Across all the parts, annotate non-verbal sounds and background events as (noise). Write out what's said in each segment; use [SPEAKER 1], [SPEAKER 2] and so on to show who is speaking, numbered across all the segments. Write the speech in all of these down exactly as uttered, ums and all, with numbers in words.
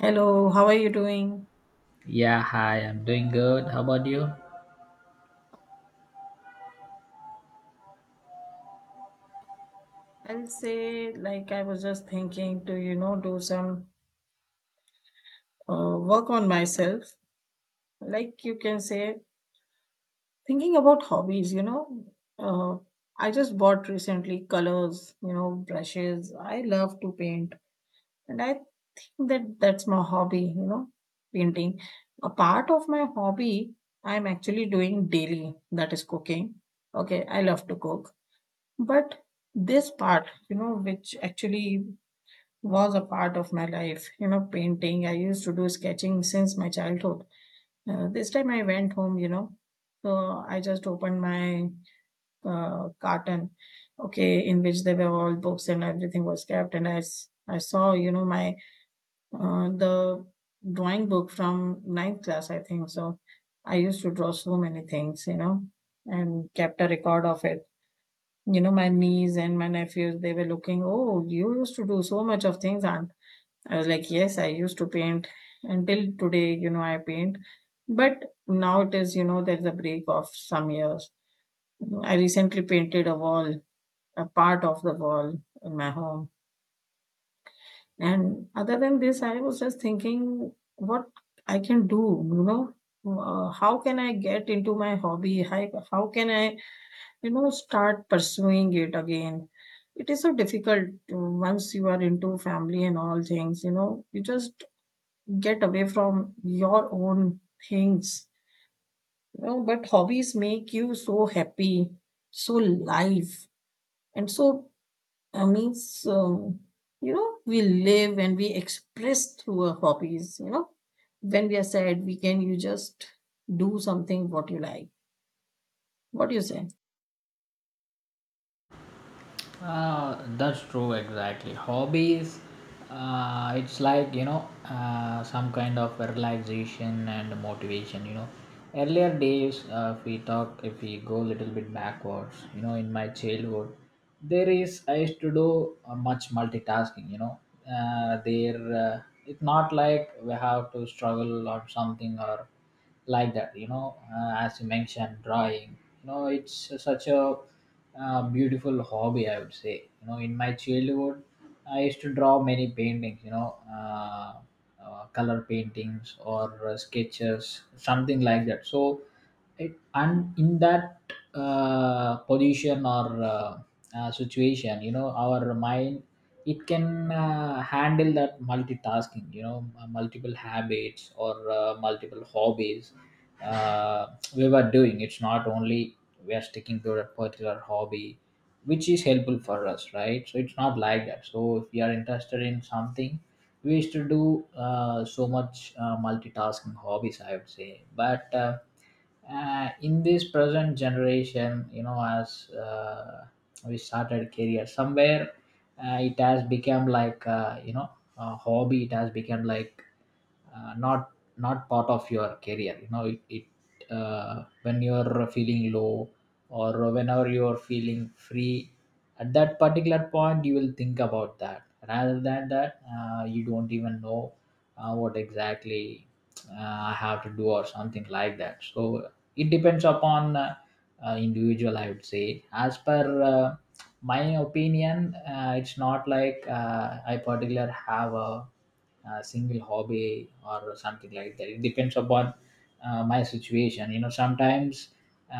[SPEAKER 1] Hello, how are you doing?
[SPEAKER 2] Yeah, hi, I'm doing good. How about you?
[SPEAKER 1] I'll say, like, I was just thinking to, you know, do some uh, work on myself. Like, you can say, thinking about hobbies, you know. Uh, I just bought recently colors, you know, brushes. I love to paint, and I think that that's my hobby, you know, painting. A part of my hobby I'm actually doing daily, that is cooking. Okay, I love to cook. But this part, you know, which actually was a part of my life. You know, painting. I used to do sketching since my childhood. Uh, this time I went home, you know, so I just opened my uh, carton, okay, in which there were all books and everything was kept. And I, s- I saw, you know, my uh, the drawing book from ninth class, I think. So I used to draw so many things, you know, and kept a record of it. You know, my niece and my nephews, they were looking, oh, you used to do so much of things. I was like, yes, I used to paint until today, you know, I paint. But now it is, you know, there's a break of some years. I recently painted a wall, a part of the wall in my home. And other than this, I was just thinking what I can do, you know, uh, how can I get into my hobby? How, how can I, you know, start pursuing it again? It is so difficult to, once you are into family and all things, you know, you just get away from your own things you know but hobbies make you so happy, so live, and so uh, means, um, you know we live and we express through our hobbies you know when we are sad, we can, you just do something what you like. What do you say?
[SPEAKER 2] Uh, that's true, exactly. Hobbies, uh, it's like, you know, uh, some kind of relaxation and motivation, you know. Earlier days, uh, if we talk, if we go a little bit backwards, you know, in my childhood, there is, I used to do uh, much multitasking, you know. Uh, there, uh, it's not like we have to struggle or something or like that, you know uh, as you mentioned drawing, you know, it's such a uh, beautiful hobby, I would say. You know, in my childhood, I used to draw many paintings, you know. Uh, uh, color paintings or uh, sketches, something like that. So it, and in that uh, position or uh, uh, situation, you know, our mind, it can uh, handle that multitasking, you know. M- multiple habits or uh, multiple hobbies uh, we were doing. It's not only we are sticking to a particular hobby which is helpful for us, right? So it's not like that. So if we are interested in something, we used to do uh, so much uh, multitasking hobbies, I would say. But uh, uh, in this present generation, you know, as uh, we started career somewhere, uh, it has become like, uh, you know a hobby. It has become like uh, not not part of your career, you know. It, it uh, when you're feeling low or whenever you're feeling free, at that particular point you will think about that, rather than that uh, you don't even know uh, what exactly uh, I have to do, or something like that. So it depends upon uh, uh, individual, I would say. As per uh, my opinion, uh, it's not like uh, I particular have a a single hobby or something like that. It depends upon uh, my situation. You know, sometimes uh,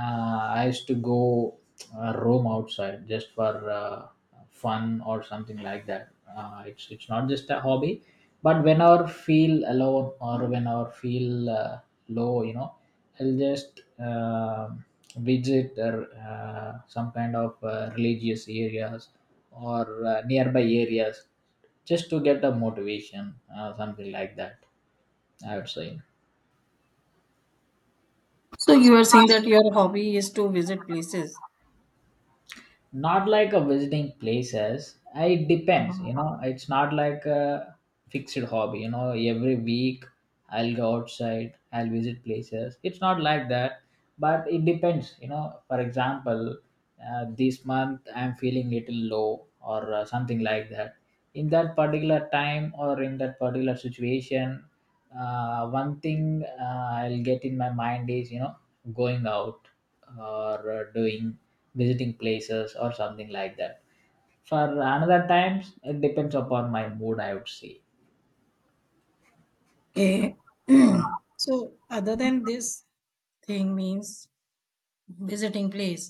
[SPEAKER 2] I used to go uh, roam outside just for uh, fun or something like that. Uh, it's it's not just a hobby, but when I feel alone or when I feel uh, low, you know, I'll just um visit uh, uh, some kind of uh, religious areas or uh, nearby areas, just to get a motivation, uh, something like that, I would say.
[SPEAKER 1] So you are saying that your hobby is to visit places?
[SPEAKER 2] Not like a visiting places, it depends,
[SPEAKER 1] Mhm.
[SPEAKER 2] you know. It's not like a fixed hobby, you know. Every week I'll go outside, I'll visit places. It's not like that. But it depends, you know. For example, uh, this month I'm feeling little low or uh, something like that. In that particular time or in that particular situation, uh, one thing uh, I'll get in my mind is, you know, going out or uh, doing, visiting places or something like that. For another times, it depends upon my mood, I would say.
[SPEAKER 1] Okay, so other than this thing, means visiting place,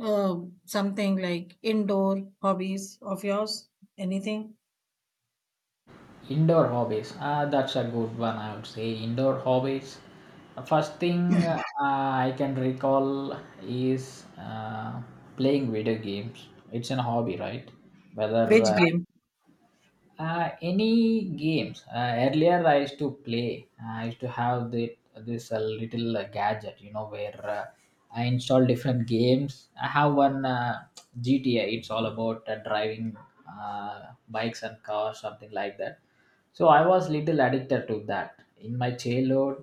[SPEAKER 1] Uh, something like indoor hobbies of yours? Anything?
[SPEAKER 2] Indoor hobbies, uh, that's a good one, I would say. Indoor hobbies. First thing uh, I can recall is uh, playing video games. It's an hobby, right? Whether
[SPEAKER 1] Which
[SPEAKER 2] uh,
[SPEAKER 1] game?
[SPEAKER 2] uh, any games, uh, earlier I used to play. Uh, I used to have the, this uh, little uh, gadget, you know, where uh, I install different games. I have one, uh, GTA. It's all about uh, driving uh, bikes and cars, something like that. So I was little addicted to that in my childhood.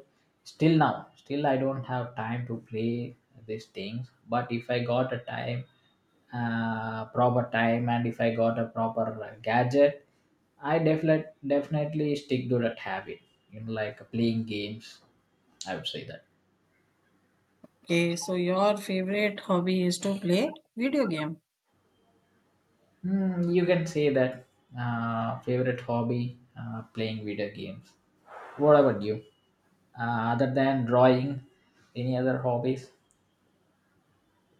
[SPEAKER 2] Still now, still I don't have time to play these things. But if I got a time, uh, proper time, and if I got a proper uh, gadget, I definitely definitely stick to that habit. You know, like playing games. I would say that.
[SPEAKER 1] Okay, so your favorite hobby is to play video game.
[SPEAKER 2] Hmm, you can say that uh, favorite hobby, uh, playing video games. What about you? Uh, other than drawing, any other hobbies?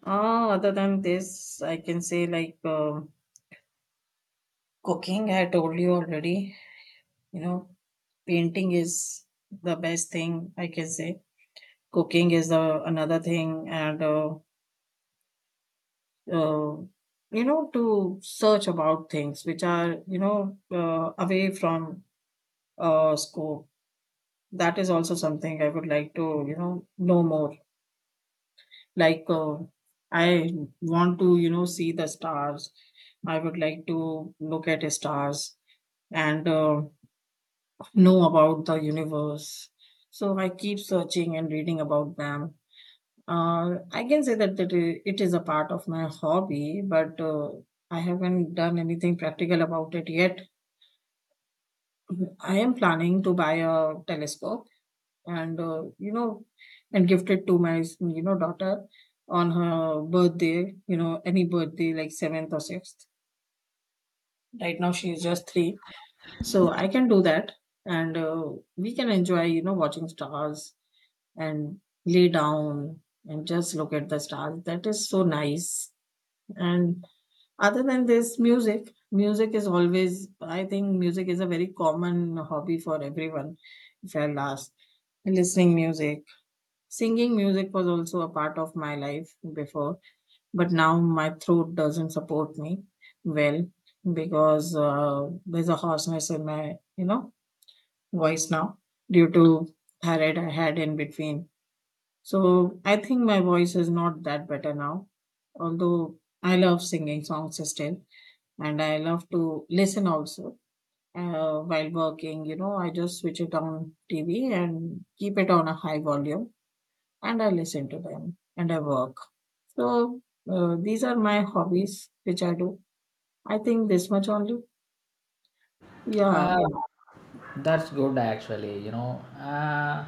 [SPEAKER 1] Ah, other than this, I can say like um cooking. I told you already. You know, Painting is the best thing I can say. Cooking is the another thing, and uh, uh, you know, to search about things which are you know uh, away from uh, scope. That is also something I would like to, you know, know more. Like, uh, I want to, you know, see the stars. I would like to look at stars and uh, know about the universe. So I keep searching and reading about them. Uh, I can say that it i- it is a part of my hobby, but uh, I haven't done anything practical about it yet. I am planning to buy a telescope and uh, you know and gifted to my you know daughter on her birthday, you know any birthday like seventh or sixth. Right now she is just three, so I can do that, and uh, we can enjoy, you know watching stars, and lay down and just look at the stars. That is so nice. And other than this, music music is always, I think music is a very common hobby for everyone. If I last, listening music. Singing music was also a part of my life before, but now my throat doesn't support me well, because uh, there's a hoarseness in my, you know, voice now, due to thyroid I had in between. So I think my voice is not that better now, although I love singing songs still, and I love to listen also. Uh, while working, you know, I just switch it on T V and keep it on a high volume, and I listen to them and I work. So uh, these are my hobbies which I do. I think this much only. Yeah.
[SPEAKER 2] Uh, that's good actually, you know. Uh,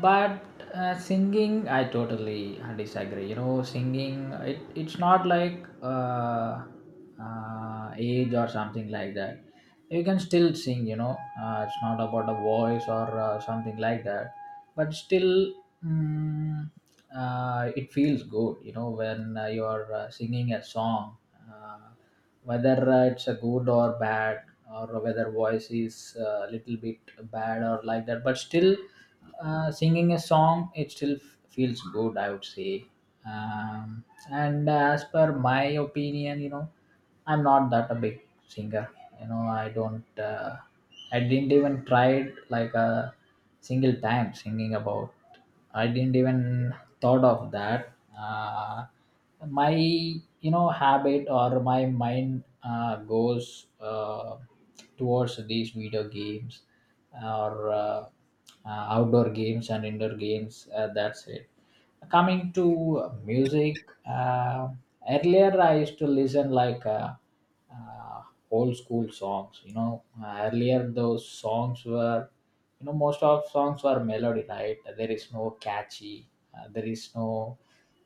[SPEAKER 2] But uh, singing, I totally disagree. You know, singing, it, it's not like uh, uh, age or something like that. You can still sing, you know. Uh, it's not about a voice or uh, something like that. But still, mm, uh, it feels good, you know, when uh, you are uh, singing a song. Uh, Whether uh, it's a good or bad, or whether voice is a little bit bad or like that, but still uh, singing a song, it still f- feels good, I would say um, and as per my opinion, you know, I'm not that a big singer, you know. i don't uh, I didn't even try it like a single time singing about. I didn't even thought of that. Uh, my, you know, habit or my mind uh, goes uh, towards these video games or uh, uh, outdoor games and indoor games. Uh, that's it. Coming to uh, music, uh, earlier I used to listen like uh, uh, old school songs. You know, uh, earlier those songs were, you know, most of songs were melody, right? There is no catchy, uh, there is no,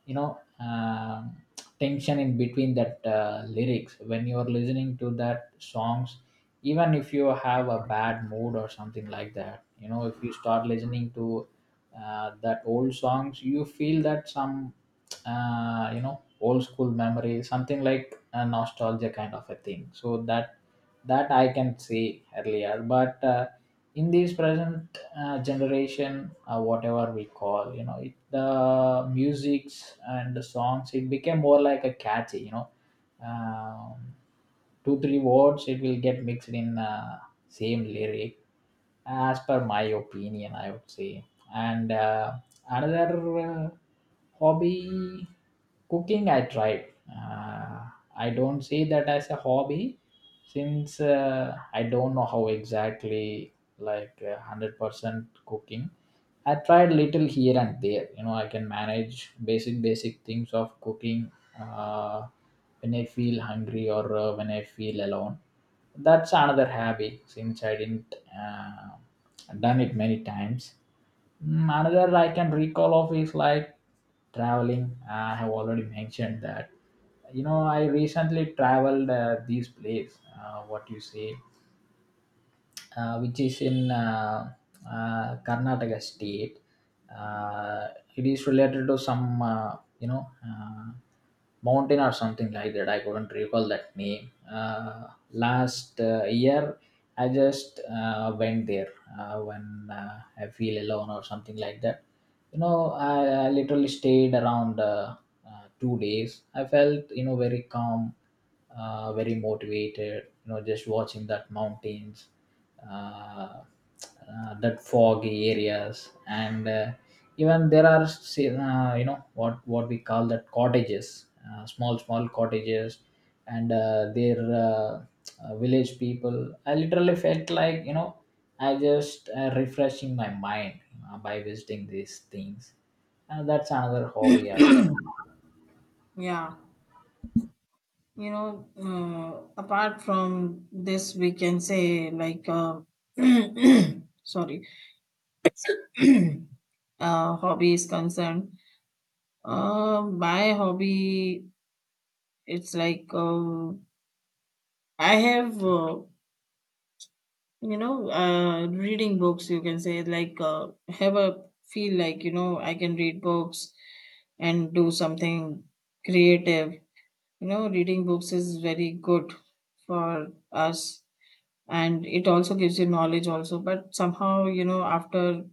[SPEAKER 2] you know, um tension in between that uh, lyrics. When you are listening to that songs, even if you have a bad mood or something like that, you know, if you start listening to uh, that old songs, you feel that some, uh, you know, old school memory, something like a nostalgia kind of a thing. So that that I can say earlier, but uh, in this present uh, generation, uh, whatever we call, you know, it, the musics and the songs, it became more like a catchy, you know, um, two three words, it will get mixed in uh, same lyric, as per my opinion, I would say. And uh, another uh, hobby, cooking, I tried. uh, I don't see that as a hobby, since uh, I don't know how exactly, like uh, one hundred percent cooking. I tried little here and there, you know. I can manage basic basic things of cooking uh, when I feel hungry or uh, when I feel alone, that's another hobby, since I didn't uh, done it many times. Mm, another I can recall of is like traveling. I have already mentioned that. You know, I recently traveled uh, this place. Uh, what you say? uh, which is in uh, uh, Karnataka state. Uh, it is related to some, uh, you know, uh, mountain or something like that. I couldn't recall that name. Uh, last uh, year, I just uh, went there uh, when uh, I feel alone or something like that. You know, I, I literally stayed around uh, uh, two days. I felt, you know, very calm, uh, very motivated, you know, just watching that mountains, uh, uh, that foggy areas, and uh, even there are, say, uh, you know, what what we call that cottages, uh, small small cottages, and uh, their uh, uh, village people. I literally felt like, you know, I just uh, refreshing my mind uh, by visiting these things. And that's another hobby.
[SPEAKER 1] Yeah, you know, uh, apart from this, we can say like, uh, (clears throat) sorry, (clears throat) uh, hobby is concerned. Uh, my hobby, it's like uh, I have, uh, you know, uh, reading books. You can say like uh, have a feel like you know I can read books and do something creative. You know, reading books is very good for us, and it also gives you knowledge also, but somehow you know after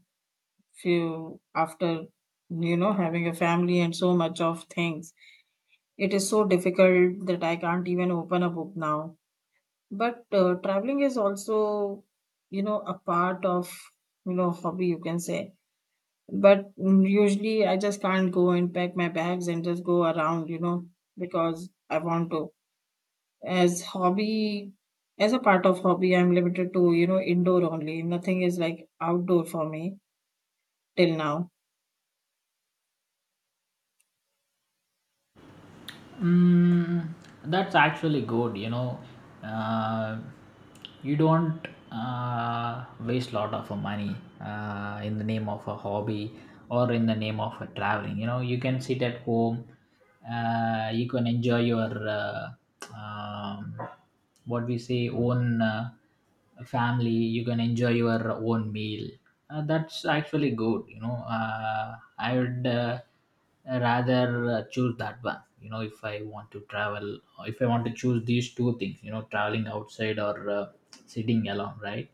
[SPEAKER 1] few, after you know having a family and so much of things, it is so difficult that I can't even open a book now. But uh, traveling is also, you know a part of, you know hobby, you can say. But mm, usually I just can't go and pack my bags and just go around, you know, because I want to. As hobby, as a part of hobby, I'm limited to, you know, indoor only. Nothing is like outdoor for me till now.
[SPEAKER 2] Mm, that's actually good. You know, uh, you don't uh, waste a lot of money uh, in the name of a hobby or in the name of a traveling. You know, you can sit at home. Uh, you can enjoy your, uh, um, what we say, own. Uh, family, you can enjoy your own meal uh, That's actually good, you know uh, I would uh, rather uh, choose that one, you know. If I want to travel, if I want to choose these two things, you know, traveling outside or uh, sitting alone, right?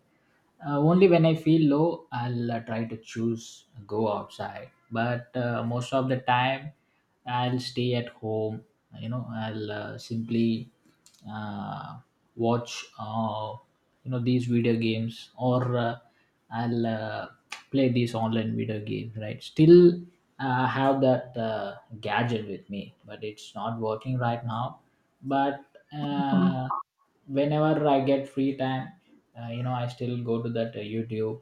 [SPEAKER 2] uh, only when I feel low, I'll uh, try to choose, go outside. But uh, most of the time I'll stay at home. You know, I'll uh, simply uh, watch, uh, you know, these video games, or uh, I'll uh, play these online video games, right? Still uh, have that uh, gadget with me, but it's not working right now. But
[SPEAKER 1] Mhm.
[SPEAKER 2] uh, whenever I get free time, uh, you know, I still go to that uh, YouTube,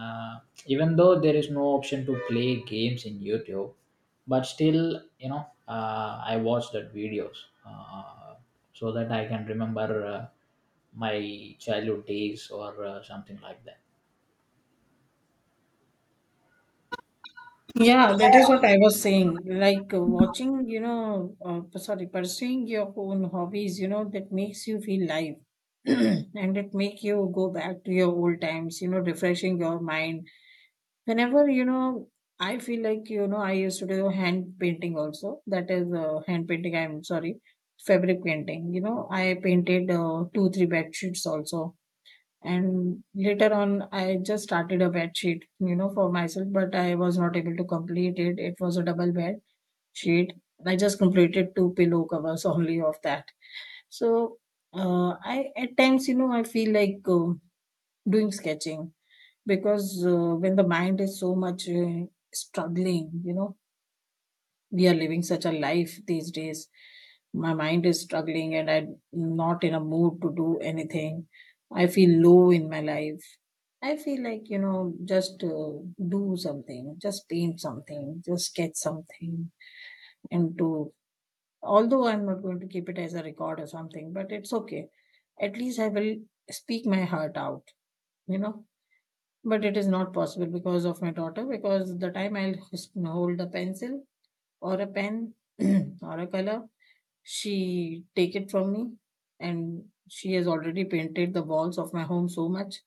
[SPEAKER 2] uh, even though there is no option to play games in YouTube. But still, you know, uh, I watch that videos, uh, so that I can remember uh, my childhood days or uh, something like that.
[SPEAKER 1] Yeah, that is what I was saying. Like uh, watching, you know, uh, p- sorry, pursuing your own hobbies, you know, that makes you feel live (clears throat) and it make you go back to your old times, you know, refreshing your mind. Whenever, you know, I feel like, you know, I used to do hand painting also. That is uh, hand painting, I'm sorry, fabric painting. You know, I painted uh, two, three bed sheets also. And later on, I just started a bed sheet, you know, for myself, but I was not able to complete it. It was a double bed sheet. I just completed two pillow covers only of that. So uh, I at times, you know, I feel like uh, doing sketching, because uh, when the mind is so much uh, struggling, you know we are living such a life these days. My mind is struggling and I'm not in a mood to do anything. I feel low in my life. I feel like, you know just uh, do something, just paint something, just sketch something. And to, although I'm not going to keep it as a record or something, but it's okay. At least I will speak my heart out you know But it is not possible because of my daughter, because the time I'll hus- hold a pencil or a pen (clears throat) or a color, she take it from me, and she has already painted the walls of my home so much,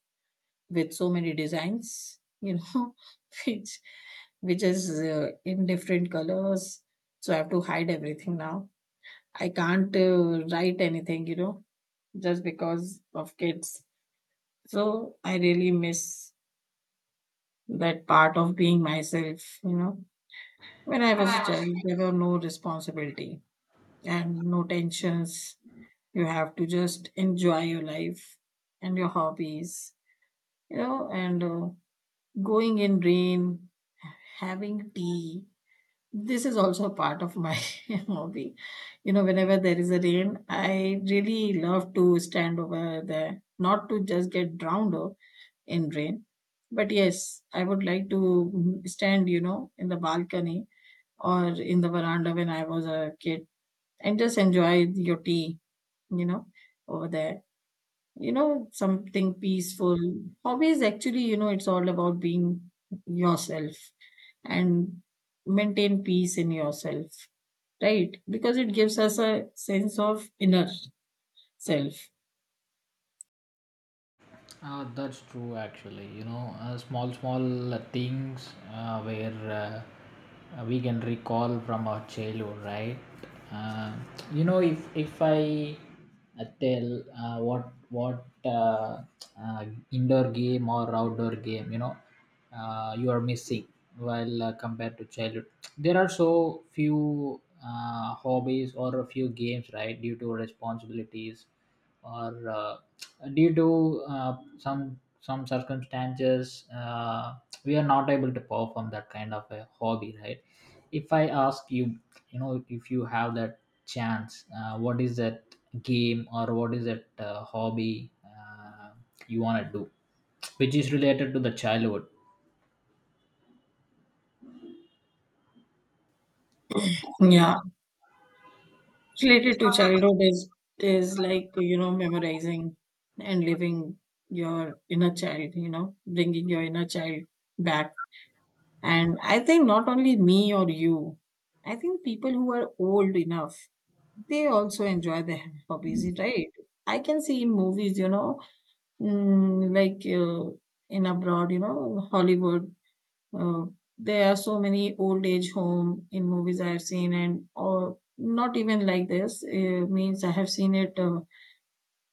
[SPEAKER 1] with so many designs, you know, (laughs) which which is uh, in different colors. So I have to hide everything now. I can't uh, write anything, you know, just because of kids. So I really miss that part of being myself, you know When I
[SPEAKER 2] When
[SPEAKER 1] was a
[SPEAKER 2] I was
[SPEAKER 1] child, there were no responsibility and no tensions. You have to just enjoy your life and your hobbies, you know, and uh, going in rain, having tea. This is also a part of my (laughs) hobby. You know, whenever there is a rain, I really love to stand over there, not to just get drowned o- in rain. But yes, I would like to mm, stand, you know, in the balcony or in the veranda when I was a kid, and just enjoy your tea, you know, over there. You know, something peaceful. Hobbies actually, you know, it's all about being yourself and maintain peace in yourself, right? Because it gives us a sense of inner self.
[SPEAKER 2] Uh, that's true, actually. You know, uh, small, small, uh, things uh, where uh, we can recall from our childhood, right? Uh, you know, if if I uh, tell uh, what what uh, uh, indoor game or outdoor game, you know, uh, you are missing while uh, compared to childhood. There are so few uh, hobbies or a few games, right? Due to responsibilities or uh, due to uh, some some circumstances, uh, we are not able to perform that kind of a hobby, right? If I ask you, you know, if you have that chance, uh, what is that game or what is that uh, hobby uh, you want to do, which is related to the childhood?
[SPEAKER 1] Yeah. Related to childhood is is like, you know, memorizing and living your inner child, you know, bringing your inner child back. And I think not only me or you, I think people who are old enough, they also enjoy their (laughs) hobbies, right? I can see in movies, you know, mm, like uh, in abroad, you know, Hollywood, uh, there are so many old age home in movies I have seen, and or not even like this. Uh, means I have seen it uh,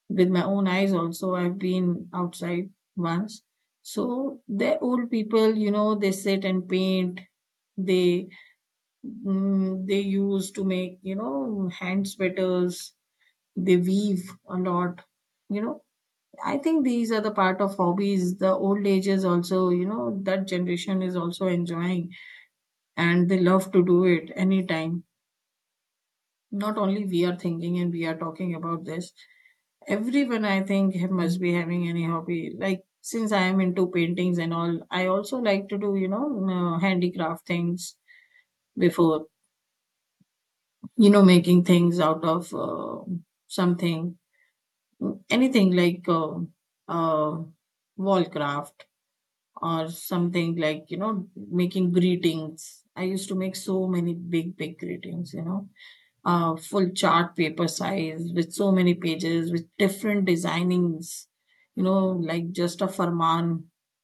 [SPEAKER 1] with my own eyes also. I've been outside once. So they're old people, you know, they sit and paint, they mm, they use to make, you know, hand sweaters. They weave a lot, you know. I think these are the part of hobbies. The old ages also, you know, that generation is also enjoying, and they love to do it anytime. Not only we are thinking and we are talking about this, everyone, I think, ha- must be having any hobby. Like, since I am into paintings and all, I also like to do, you know, uh, handicraft things before, you know, making things out of uh, something, anything like uh, uh, wall craft or something, like, you know, making greetings. I used to make so many big big greetings, you know, uh, full chart paper size with so many pages with different designings, you know, like just a farman.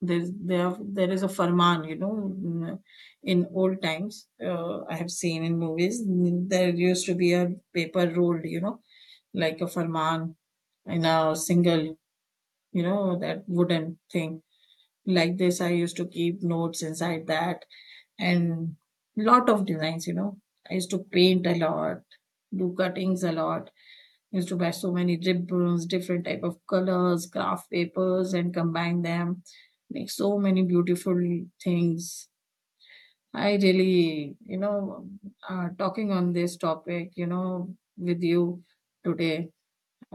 [SPEAKER 1] There's there there is a farman, you know, in, in old times, uh, I have seen in movies. There used to be a paper rolled, you know, like a farman, in a single, you know, that wooden thing. Like this, I used to keep notes inside that. And lot of designs, you know. I used to paint a lot, do cuttings a lot. I used to buy so many ribbons, different type of colors, craft papers, and combine them, make so many beautiful things. I really, you know, uh, talking on this topic, you know, with you today,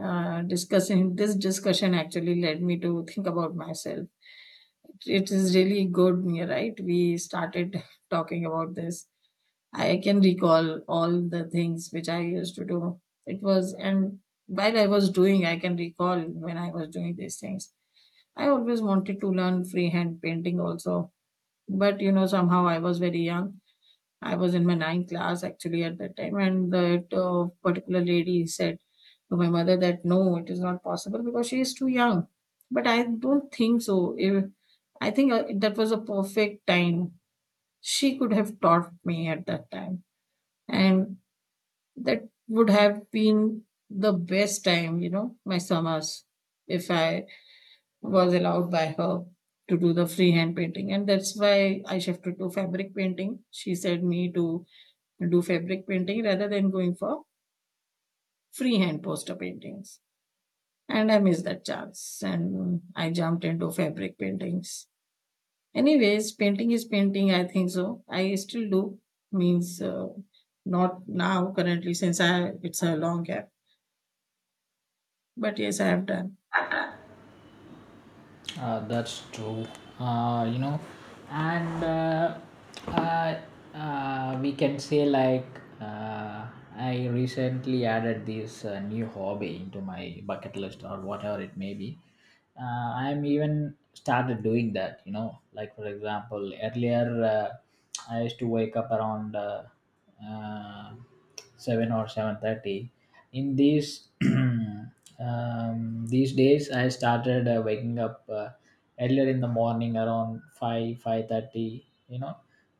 [SPEAKER 1] uh, discussing this discussion actually led me to think about myself. It is really good, right? We started (laughs) talking about this. I can recall all the things which I used to do. It was, and while I was doing, I can recall when I was doing these things. I always wanted to learn freehand painting also, but, you know, somehow I was very young. I was in my ninth class actually at that time, and that uh, particular lady said to my mother that no, it is not possible because she is too young. But I don't think so. If, I think uh, that was a perfect time. She could have taught me at that time. And that would have been the best time, you know, my summers, if I was allowed by her to do the freehand painting. And that's why I shifted to fabric painting. She said me to do fabric painting rather than going for freehand poster paintings. And I missed that chance and I jumped into fabric paintings. Anyways, painting is painting, I think so. I still do, means uh, not now currently, since I it's a long gap. But yes, I have done.
[SPEAKER 2] Uh, that's true. Uh, you know, and uh, uh, uh, we can say like, uh, I recently added this uh, new hobby into my bucket list or whatever it may be. Uh, I'm even started doing that. You know, like for example, earlier uh, I used to wake up around uh, uh, seven or seven thirty in these (clears throat) um, these days, I started uh, waking up uh, earlier in the morning around 5 five thirty, you know.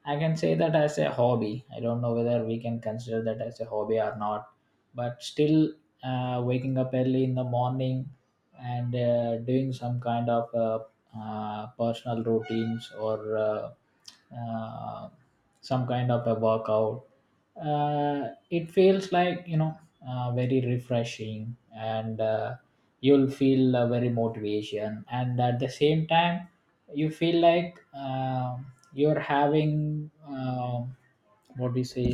[SPEAKER 2] I can say that as a hobby. I don't know whether we can consider that as a hobby or not, but still, uh, waking up early in the morning and uh, doing some kind of uh, uh, personal routines, or uh, uh, some kind of a workout, uh, it feels like, you know, uh, very refreshing, and uh, you'll feel uh, very motivation. And at the same time, you feel like um you're having um what we say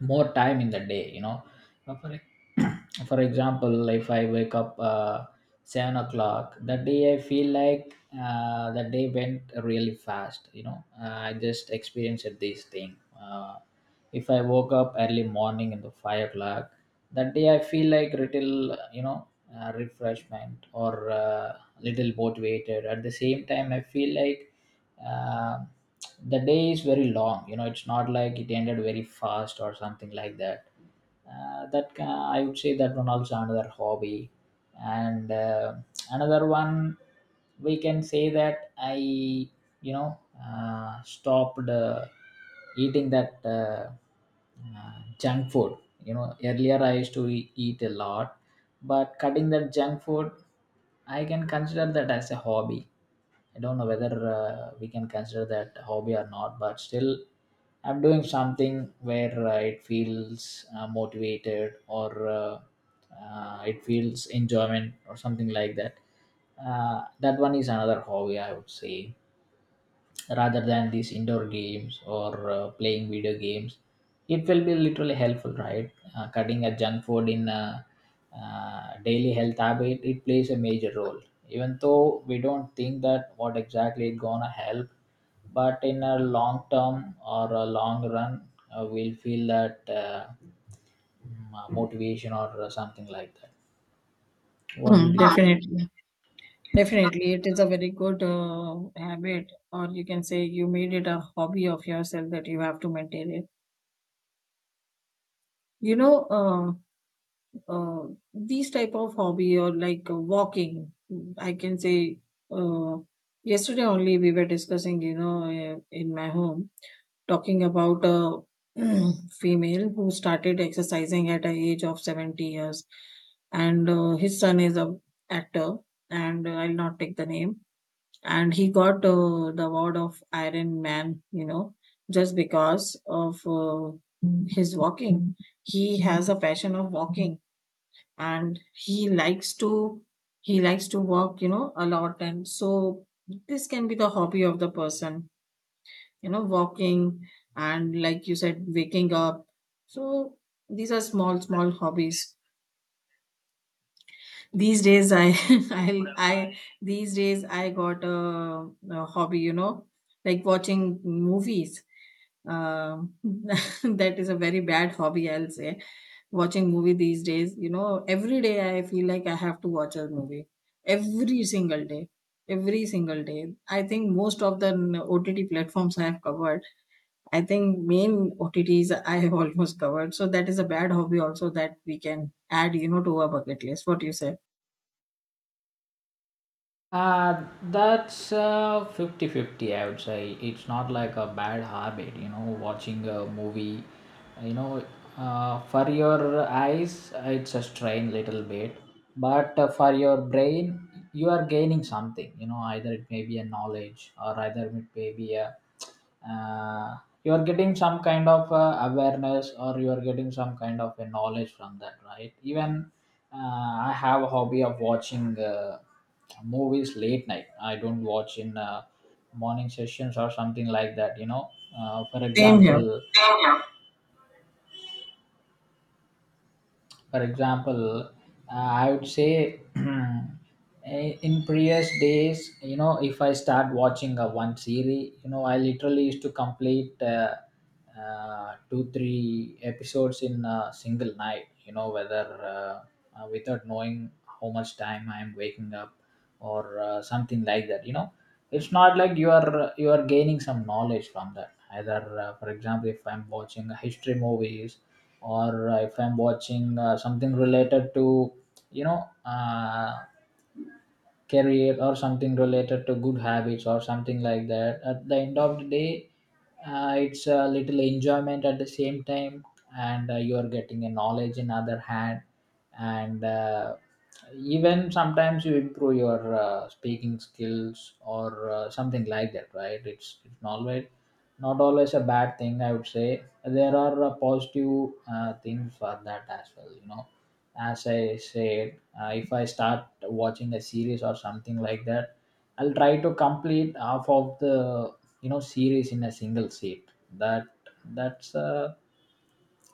[SPEAKER 2] more time in the day, you know. uh, for, e- (clears throat) for example, if I wake up uh, seven o'clock, that day I feel like uh, the day went really fast. You know, uh, I just experienced this thing. Uh, if I woke up early morning in the five o'clock, that day I feel like little, you know, uh, refreshment or uh, little motivated. At the same time, I feel like uh, the day is very long. You know, it's not like it ended very fast or something like that. Uh, that ca I would say that one also another hobby, and uh, another one we can say that I you know uh, stopped uh, eating that uh, uh, junk food. You know, earlier I used to e- eat a lot, but cutting that junk food, I can consider that as a hobby. I don't know whether uh, we can consider that hobby or not, but still, I'm doing something where uh, it feels uh, motivated, or uh, uh, it feels enjoyment or something like that. Uh, that one is another hobby, I would say, rather than these indoor games or uh, playing video games. It will be literally helpful, right? Uh, cutting a junk food in a, uh, daily health habit, it plays a major role. Even though we don't think that what exactly it gonna help, but in a long term or a long run, uh, we'll feel that uh, mm, uh, motivation or uh, something like that. What do you
[SPEAKER 1] Hmm.
[SPEAKER 2] think?
[SPEAKER 1] Definitely, definitely, it is a very good uh, habit, or you can say you made it a hobby of yourself that you have to maintain it. You know, uh, uh, these type of hobby, or like uh, walking, I can say. Uh, Yesterday only we were discussing, you know, uh, in my home, talking about a (clears throat) female who started exercising at an age of seventy years, and uh, his son is a actor, and I'll not take the name. And he got uh, the award of Iron Man, you know, just because of uh, his walking. He has a passion of walking, and he likes to he likes to walk, you know, a lot. And so this can be the hobby of the person, you know, walking, and like you said, waking up. So these are small small hobbies. These days, I, (laughs) I, I, these days, I got a, a hobby, you know, like watching movies. Um, (laughs) that is a very bad hobby, I'll say. Watching movie these days, you know, every day I feel like I have to watch a movie. Every single day. Every single day. I think most of the O T T platforms I have covered. I think main O T Ts I have (laughs) almost covered. So that is a bad hobby also that we can add, you know, to our bucket list. What do you say?
[SPEAKER 2] Uh, that's uh, 50 fifty, I would say. It's not like a bad habit, you know, watching a movie, you know, uh, for your eyes, it's a strain little bit, but uh, for your brain, you are gaining something, you know, either it may be a knowledge, or either it may be a, uh, you are getting some kind of uh, awareness, or you are getting some kind of a knowledge from that, right? Even uh, I have a hobby of watching uh, movies late night. I don't watch in uh, morning sessions or something like that. You know, uh, for
[SPEAKER 1] Same here.
[SPEAKER 2] example, For example, uh, I would say (clears throat) i- in previous days, you know, if I start watching a one series, you know, I literally used to complete uh, uh, two, three episodes in a single night, you know, whether uh, uh, without knowing how much time I'm waking up or uh, something like that, you know. It's not like you are you are gaining some knowledge from that. Either, uh, for example, if I'm watching history movies, or uh, if I'm watching uh, something related to, you know, uh, career or something related to good habits or something like that. At the end of the day, uh, it's a little enjoyment at the same time, and uh, you are getting a knowledge in other hand. And uh, even sometimes you improve your uh, speaking skills or uh, something like that, right? It's it's not always, not always a bad thing, I would say. There are uh, positive uh, things for that as well, you know. As I said, uh, if I start watching a series or something like that, I'll try to complete half of the, you know, series in a single seat. That that's a,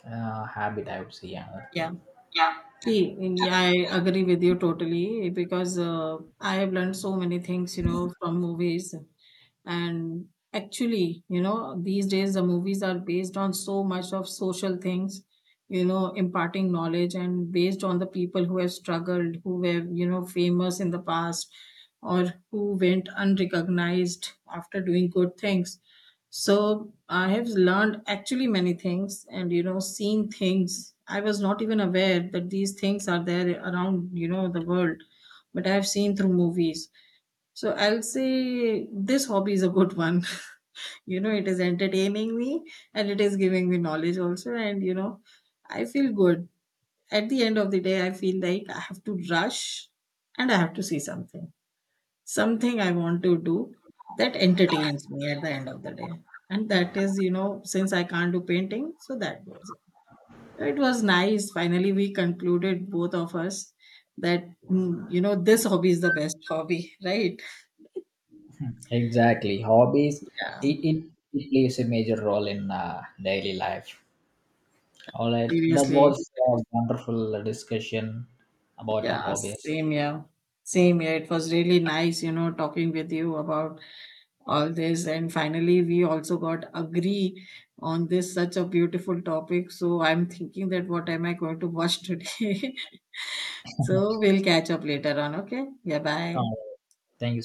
[SPEAKER 2] uh habit, I would say, another thing.
[SPEAKER 1] Yeah,
[SPEAKER 2] Yeah.
[SPEAKER 1] see, in- I agree with you totally because uh, I have learned so many things, you know, from movies. And actually, you know, these days the movies are based on so much of social things, you know, imparting knowledge, and based on the people who have struggled, who were, you know, famous in the past, or who went unrecognized after doing good things. So I have learned actually many things, and, you know, seen things I was not even aware that these things are there around, you know, the world. But I have seen through movies. So I'll say this hobby is a good one. (laughs) You know, it is entertaining me and it is giving me knowledge also. And, you know, I feel good. At the end of the day, I feel like I have to rush and I have to see something, something I want to do that entertains me at the end of the day. And that is, you know, since I can't do painting, so that goes in. It was nice. Finally, we concluded, both of us, that, mm, you know, this hobby is the best hobby, (laughs) right?
[SPEAKER 2] Exactly, hobbies,
[SPEAKER 1] Yeah.
[SPEAKER 2] it, it, it plays a major role in uh, daily life. All right, that
[SPEAKER 1] Seriously.
[SPEAKER 2] was a wonderful discussion about the
[SPEAKER 1] Yeah,
[SPEAKER 2] hobbies.
[SPEAKER 1] same here. Same here. It was really nice, you know, talking with you about all this. And finally, we also got agree on this such a beautiful topic. So I'm thinking that what am I going to watch today? (laughs)
[SPEAKER 2] (laughs)
[SPEAKER 1] So we'll catch up later on. Okay. Yeah,
[SPEAKER 2] Uh,
[SPEAKER 1] bye.
[SPEAKER 2] Thank you.